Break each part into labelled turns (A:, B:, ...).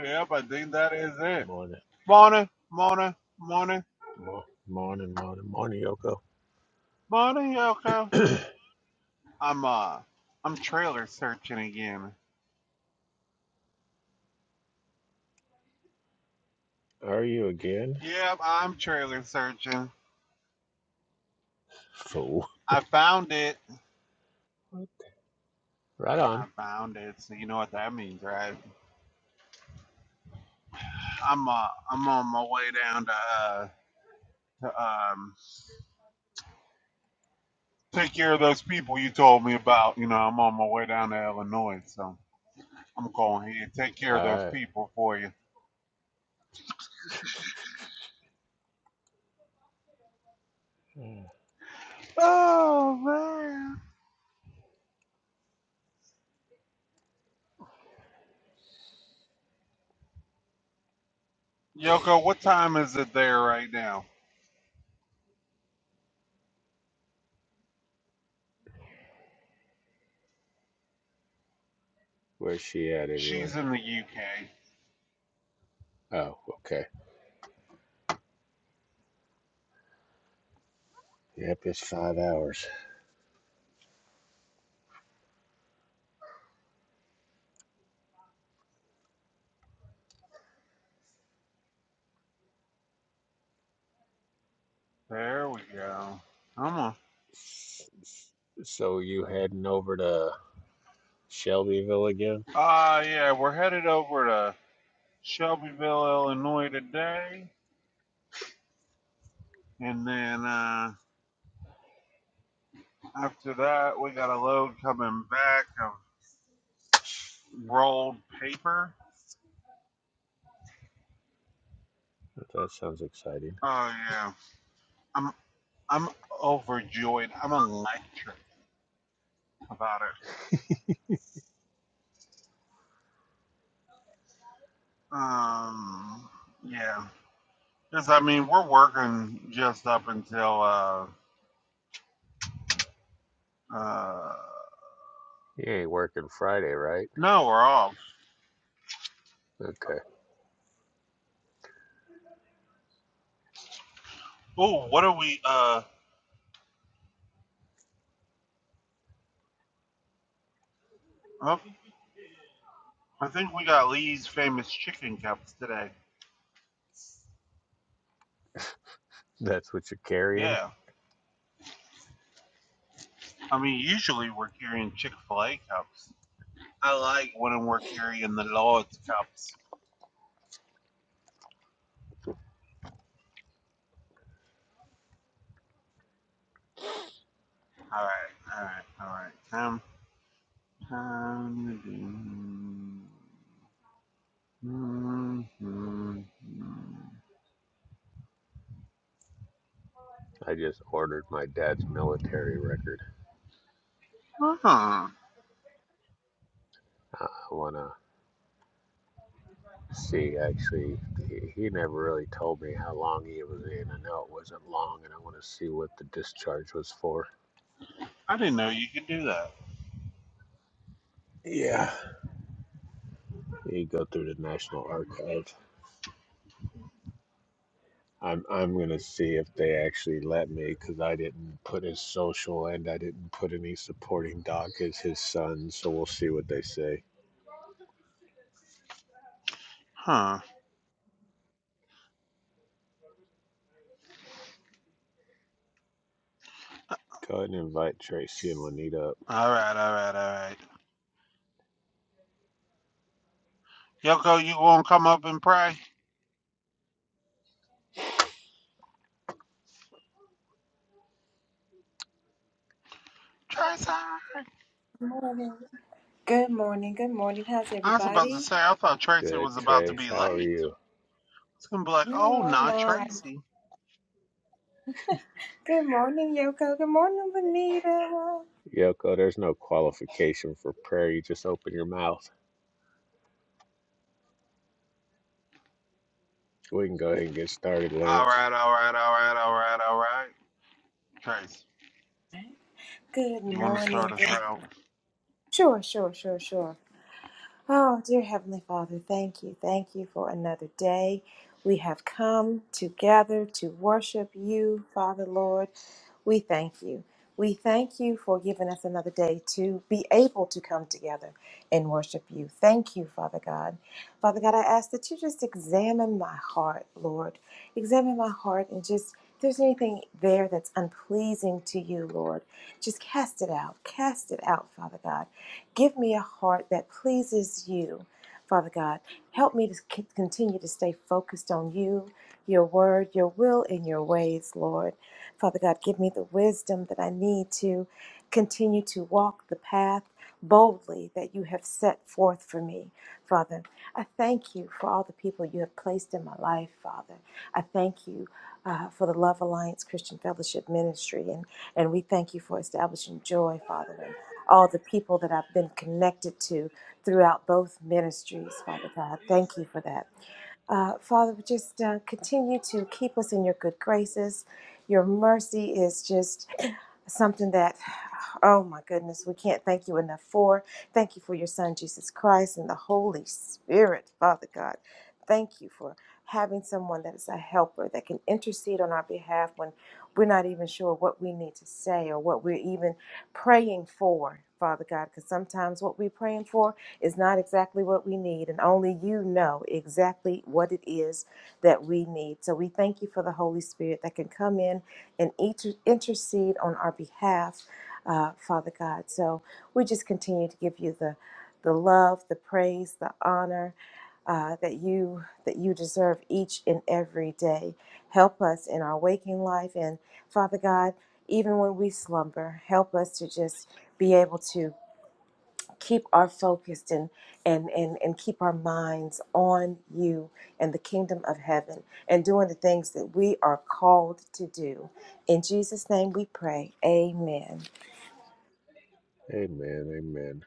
A: Yep, I think that is it.
B: Morning,
A: Morning, morning, morning,
B: mor- morning, morning, morning, Yoko.
A: morning, Yoko. I'm uh, I'm trailer searching again.
B: Are you again?
A: Yep, I'm trailer searching.
B: Fool.
A: I found it.
B: Right on.
A: I found it. So you know what that means, right? I'm uh, I'm on my way down to uh, to, um, take care of those people you told me about. You know, I'm on my way down to Illinois, so I'm going here to take care of those
B: All
A: people for you.
B: right.
A: Oh man, Yoko, what time is it there right now?
B: Where's she at anyway?
A: She's in the UK.
B: Oh, okay. Yep, it's five hours.
A: There we go. I'm on.
B: S- s- So you heading over to Shelbyville again?
A: Ah, uh, yeah, we're headed over to Shelbyville, Illinois today. And then uh, after that, we got a load coming back of rolled paper.
B: That sounds exciting.
A: Oh, yeah. I'm, I'm overjoyed. I'm electric about it. Um, yeah. Because, I mean, we're working just up until, uh, uh,
B: You ain't working Friday, right?
A: no, we're off.
B: Okay.
A: Oh, what are we, uh, oh, I think we got Lee's famous chicken cups today.
B: That's what you're carrying?
A: Yeah. I mean, usually we're carrying Chick fil A cups. I like when we're carrying the Lord's cups. All right, all right, all right. Time, time to do. Mhm, mhm.
B: I just ordered my dad's military record.
A: Huh.
B: I want to. Let's see, actually, he, he never really told me how long he was in. I know it wasn't long, and I want to see what the discharge was for.
A: I didn't know you could do that.
B: Yeah, you go through the National Archive. I'm I'm gonna see if they actually let me because I didn't put his social and I didn't put any supporting doc as his son. So we'll see what they say.
A: Huh.
B: Go ahead and invite Tracy and Juanita. up.
A: All right, all right, all right. Yoko, you gonna come up and pray? Tracy!
C: Morning. Good morning. Good morning. How's
A: I was about to
C: everybody?
A: say, I thought Tracy
B: Good,
A: was about to
B: Trace.
A: be
B: How are
A: late.
B: you?
A: It's gonna be like, oh,
C: Oh,
A: not
C: no.
A: Tracy.
C: Good morning, Yoko. Good morning, Benita.
B: Yoko, there's no qualification for prayer. You just open your mouth. We can go ahead and get started,
A: All
B: Lance.
A: right, all right, all right, all right, all right. Tracy,
C: Good
A: you want to
C: morning.
A: start us
C: Good-
A: out?
C: Sure, sure, sure, sure. Oh, dear Heavenly Father, thank you. Thank you for another day. We have come together to worship you, Father Lord. We thank you. We thank you for giving us another day to be able to come together and worship you. Thank you, Father God. Father God, I ask that you just examine my heart, Lord. Examine my heart and just, if there's anything there that's unpleasing to you, Lord, just cast it out. Cast it out, Father God. Give me a heart that pleases you, Father God. Help me to c- continue to stay focused on you, your word, your will, and your ways, Lord. Father God, give me the wisdom that I need to continue to walk the path boldly that you have set forth for me, Father. I thank you for all the people you have placed in my life, Father. I thank you uh, for the Love Alliance Christian Fellowship Ministry, and, and we thank you for establishing joy, Father all the people that I've been connected to throughout both ministries, Father God. Thank you for that. Uh, Father, just uh, continue to keep us in your good graces. Your mercy is just something that, oh my goodness, we can't thank you enough for. Thank you for your Son, Jesus Christ, and the Holy Spirit, Father God. Thank you for having someone that is a helper that can intercede on our behalf when we're not even sure what we need to say or what we're even praying for, Father God, because sometimes what we're praying for is not exactly what we need, and only you know exactly what it is that we need. So we thank you for the Holy Spirit that can come in and inter- intercede on our behalf, uh, Father God. So we just continue to give you the the love, the praise, the honor uh, that you that you deserve each and every day. Help us in our waking life, and Father God, even when we slumber, help us to just be able to keep our focused and and and and keep our minds on you and the kingdom of heaven and doing the things that we are called to do. In Jesus' name we pray. Amen.
B: Amen. Amen.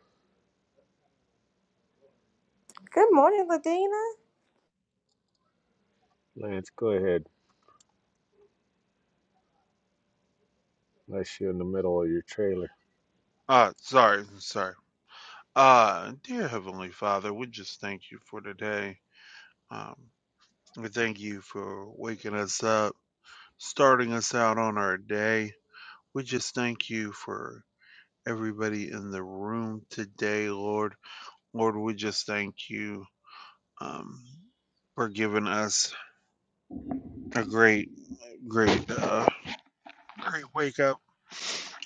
C: Good morning, Ladina.
B: Lance, go ahead. Unless you're in the middle of your trailer.
A: Uh, sorry, sorry. Uh, dear Heavenly Father, we just thank you for today. Um, we thank you for waking us up, starting us out on our day. We just thank you for everybody in the room today, Lord. Lord, we just thank you. Um, for giving us a great, great, uh, great wake up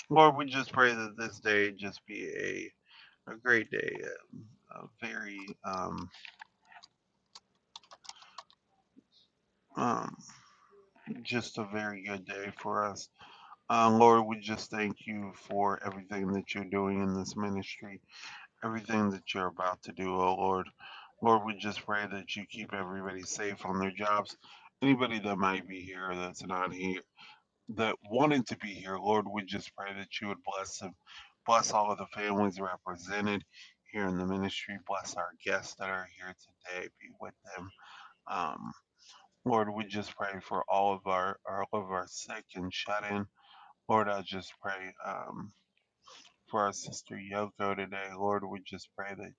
A: Lord, we just pray that this day just be a, a great day, a, a very, um, um, just a very good day for us. Uh, Lord, we just thank you for everything that you're doing in this ministry, everything that you're about to do, oh Lord. Lord, we just pray that you keep everybody safe on their jobs. Anybody that might be here that's not here, that wanted to be here, Lord, we just pray that you would bless them Bless all of the families represented here in the ministry. Bless our guests that are here today. Be with them. Um, Lord, we just pray for all of our all of our sick and shut in. Lord, I just pray um, for our sister Yoko today. Lord, we just pray that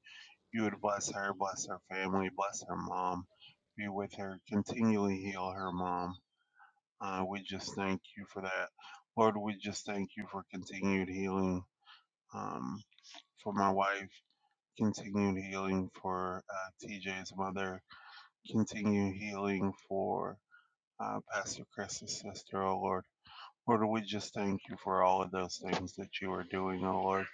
A: you would bless her, bless her family, bless her mom. Be with her, continually heal her mom. Uh, we just thank you for that. Lord, we just thank you for continued healing um, for my wife. continued healing for uh, TJ's mother, continued healing for uh, Pastor Chris's sister, oh Lord. Lord, we just thank you for all of those things that you are doing, oh Lord.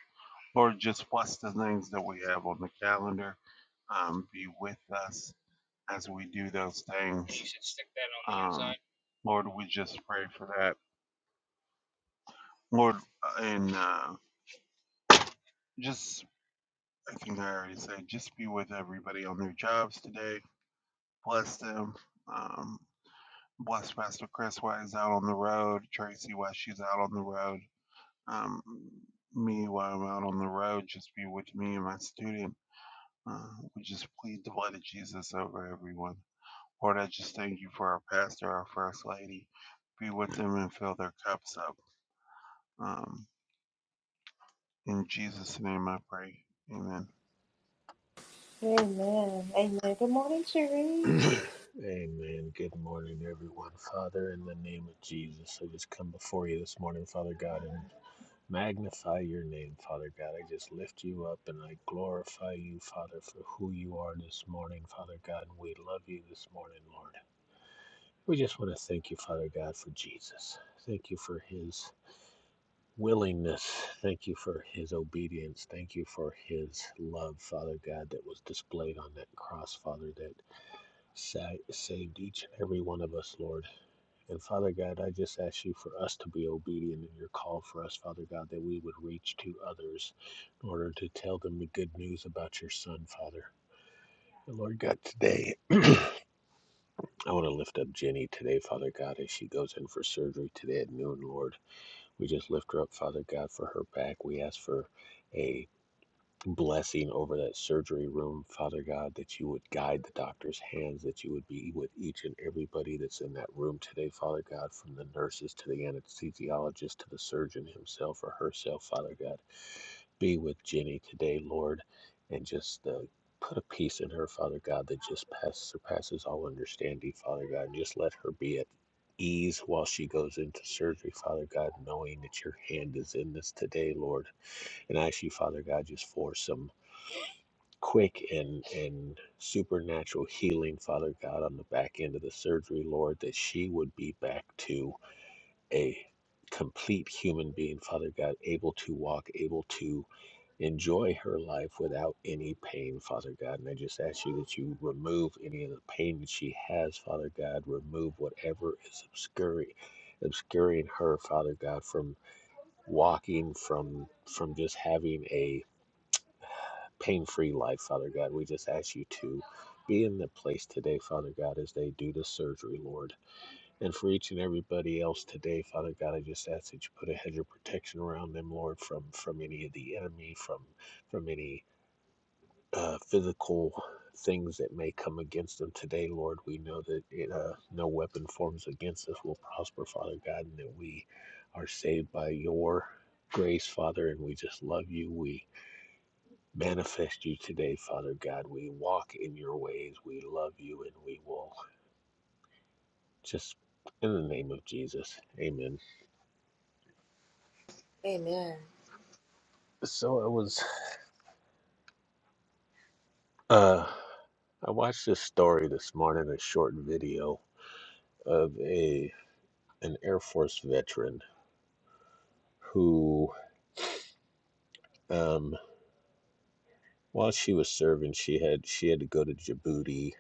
A: Lord, just bless the things that we have on the calendar. Um, be with us as we do those things. You should stick that on the Um, inside. Lord, we just pray for that. Lord, uh, and uh, just, I think I already said, just be with everybody on their jobs today. Bless them. Um, Bless Pastor Chris while he's out on the road, Tracy while she's out on the road, um, me while I'm out on the road, just be with me and my student. Uh, we just plead the blood of Jesus over everyone. Lord, I just thank you for our pastor, our first lady. Be with them and fill their cups up. Um, in Jesus' name I pray. Amen.
C: Amen. Amen. Good morning, Cherie.
B: Amen. Good morning, everyone. Father, in the name of Jesus, I just come before you this morning, Father God, and magnify your name, Father God. I just lift you up and I glorify you, Father, for who you are this morning, Father God. And we love you this morning, Lord. We just want to thank you, Father God, for Jesus. Thank you for his willingness. Thank you for his obedience. Thank you for his love, Father God, that was displayed on that cross, Father, that sa- saved each and every one of us, Lord. And Father God, I just ask you for us to be obedient in your call for us, Father God, that we would reach to others in order to tell them the good news about your Son, Father. And Lord God, today, I want to lift up Jenny today, Father God, as she goes in for surgery today at noon, Lord. We just lift her up, Father God, for her back. We ask for a blessing over that surgery room, Father God, that you would guide the doctor's hands, that you would be with each and everybody that's in that room today, Father God, from the nurses to the anesthesiologist to the surgeon himself or herself, Father God. Be with Jenny today, Lord, and just uh, put a peace in her, Father God, that just pass, surpasses all understanding, Father God, and just let her be at ease while she goes into surgery, Father God, knowing that your hand is in this today, Lord. And I ask you, Father God, just for some quick and and supernatural healing, Father God, on the back end of the surgery, Lord, that she would be back to a complete human being, Father God, able to walk, able to enjoy her life without any pain, Father God. And I just ask you that you remove any of the pain that she has, Father God. Remove whatever is obscuring obscuring her, Father God, from walking, from from just having a pain free life, Father God. We just ask you to be in the place today, Father God, as they do the surgery, Lord. And for each and everybody else today, Father God, I just ask that you put a hedge of protection around them, Lord, from from any of the enemy, from from any uh, physical things that may come against them today, Lord. We know that it, uh, no weapon forms against us will prosper, Father God, and that we are saved by your grace, Father, and we just love you. We manifest you today, Father God. We walk in your ways. We love you and we will just in the name of Jesus. Amen.
C: Amen.
B: So I was uh I watched this story this morning, a short video of a an Air Force veteran who um while she was serving she had she had to go to Djibouti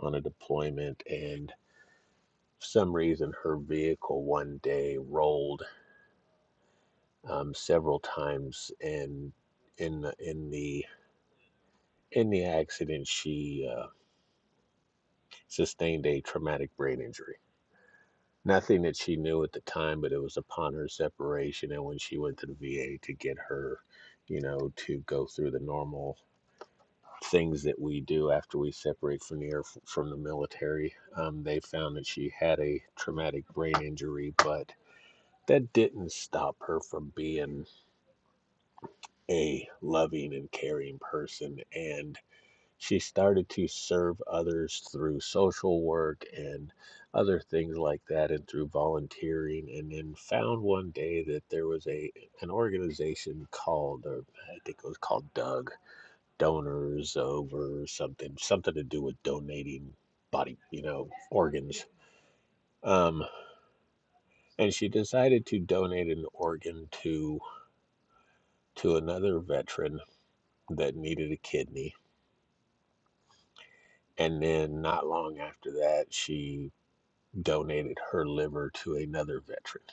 B: on a deployment and for some reason her vehicle one day rolled um, several times, and in the, in the in the accident, she uh, sustained a traumatic brain injury. Nothing that she knew at the time, but it was upon her separation, and when she went to the VA to get her, you know, to go through the normal things that we do after we separate from the from the military, um, they found that she had a traumatic brain injury, but that didn't stop her from being a loving and caring person and she started to serve others through social work and other things like that and through volunteering and then found one day that there was a an organization called or I think it was called Doug Donors Over something something to do with donating body, you know, organs. Um and she decided to donate an organ to to another veteran that needed a kidney and then not long after that she donated her liver to another veteran.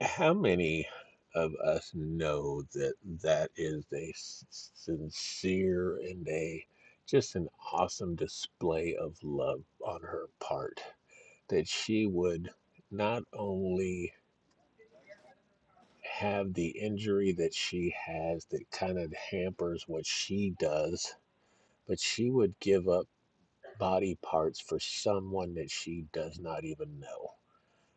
B: How many of us know that that is a sincere and a just an awesome display of love on her part that she would not only have the injury that she has that kind of hampers what she does, but she would give up body parts for someone that she does not even know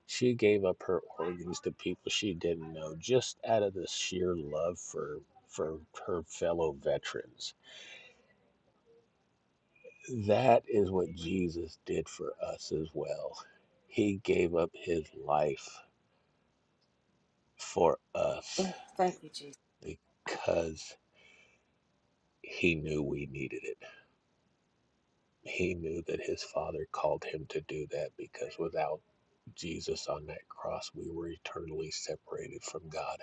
B: She gave up her organs to people she didn't know just out of the sheer love for for her fellow veterans. That is what Jesus did for us as well. He gave up his life for us
C: Thank you, Jesus.
B: because he knew we needed it. He knew that his father called him to do that because without Jesus on that cross, we were eternally separated from God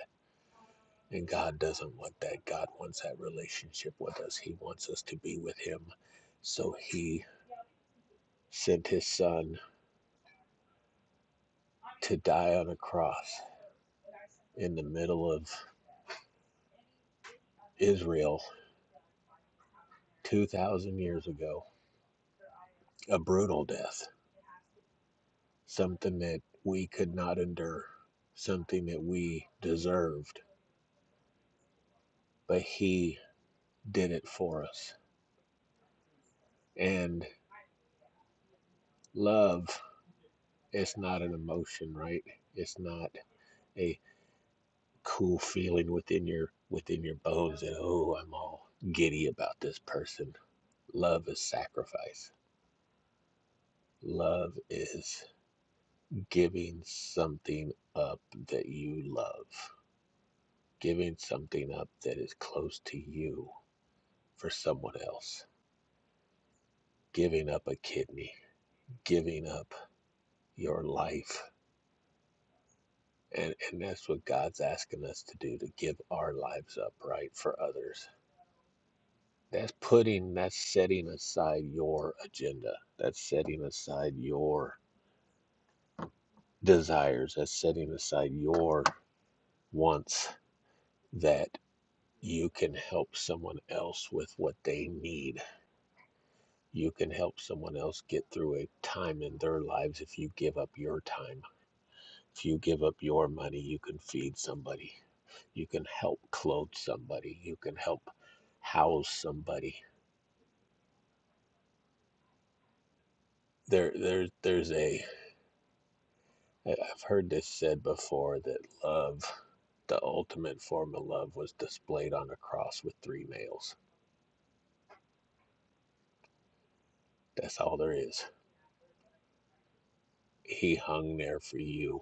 B: And God doesn't want that. God wants that relationship with us. He wants us to be with Him. So He sent His Son to die on a cross in the middle of Israel 2,000 years ago. A brutal death, something that we could not endure, something that we deserved. But He did it for us. And love is not an emotion, right? It's not. a cool feeling within your within your bones that oh i'm all giddy about this person love is sacrifice love is giving something up that you love giving something up that is close to you for someone else giving up a kidney giving up your life and and that's what god's asking us to do to give our lives up right for others That's putting, that's setting aside your agenda. That's setting aside your desires. That's setting aside your wants that you can help someone else with what they need. You can help someone else get through a time in their lives if you give up your time. If you give up your money, you can feed somebody. You can help clothe somebody. You can help house somebody. There, there, there's a I- I've heard this said before that love, the ultimate form of love, was displayed on a cross with three nails. That's all there is. He hung there for you.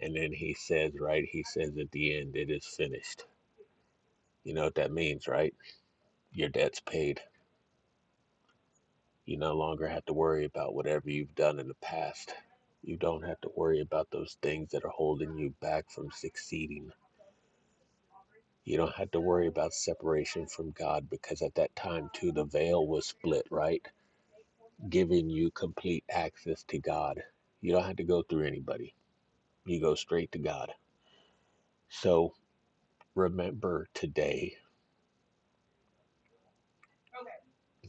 B: And then he says, right? He says at the end, it is finished. You know what that means, right? Your debt's paid. You no longer have to worry about whatever you've done in the past. You don't have to worry about those things that are holding you back from succeeding. You don't have to worry about separation from God because at that time, too, the veil was split, right? Giving you complete access to God. You don't have to go through anybody, you go straight to God. So remember today,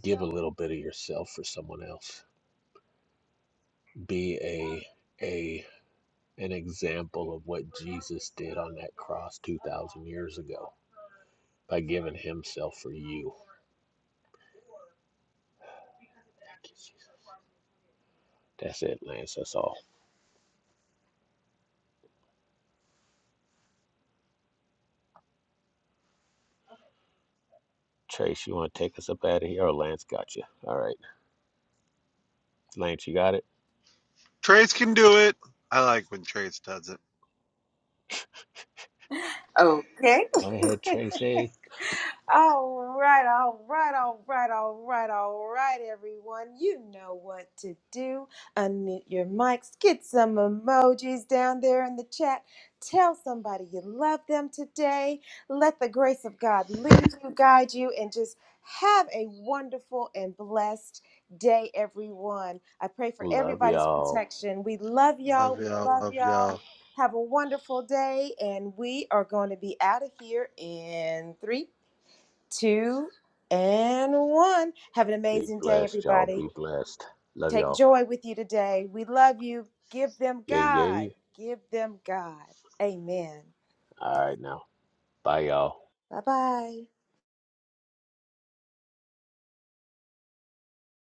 B: give a little bit of yourself for someone else. Be a, a, an example of what Jesus did on that cross 2,000 years ago by giving himself for you. That's it, Lance. That's all. Trace, you want to take us up out of here? Or Lance got you. All right. Lance, you got it?
A: Trace can do it. I like when Trace does it.
C: Okay.
B: Go ahead, Tracy.
C: All right, all right, all right, all right, all right, everyone. You know what to do. Unmute your mics, get some emojis down there in the chat. Tell somebody you love them today. Let the grace of God lead you, guide you, and just have a wonderful and blessed day, everyone. I pray for
B: Love
C: everybody's
B: y'all.
C: protection. We love y'all.
A: Love
C: We
A: y'all.
C: love
A: Love y'all.
C: y'all. Have a wonderful day, and we are going to be out of here in three two, and one. Have an
B: Be
C: amazing day,
B: blessed, y'all.
C: everybody.
B: Be blessed. Love
C: Take
B: y'all.
C: joy with you today. We love you. Give them
B: Yay,
C: God.
B: yay.
C: Give them God. Amen.
B: All right, now. Bye, y'all.
C: Bye bye.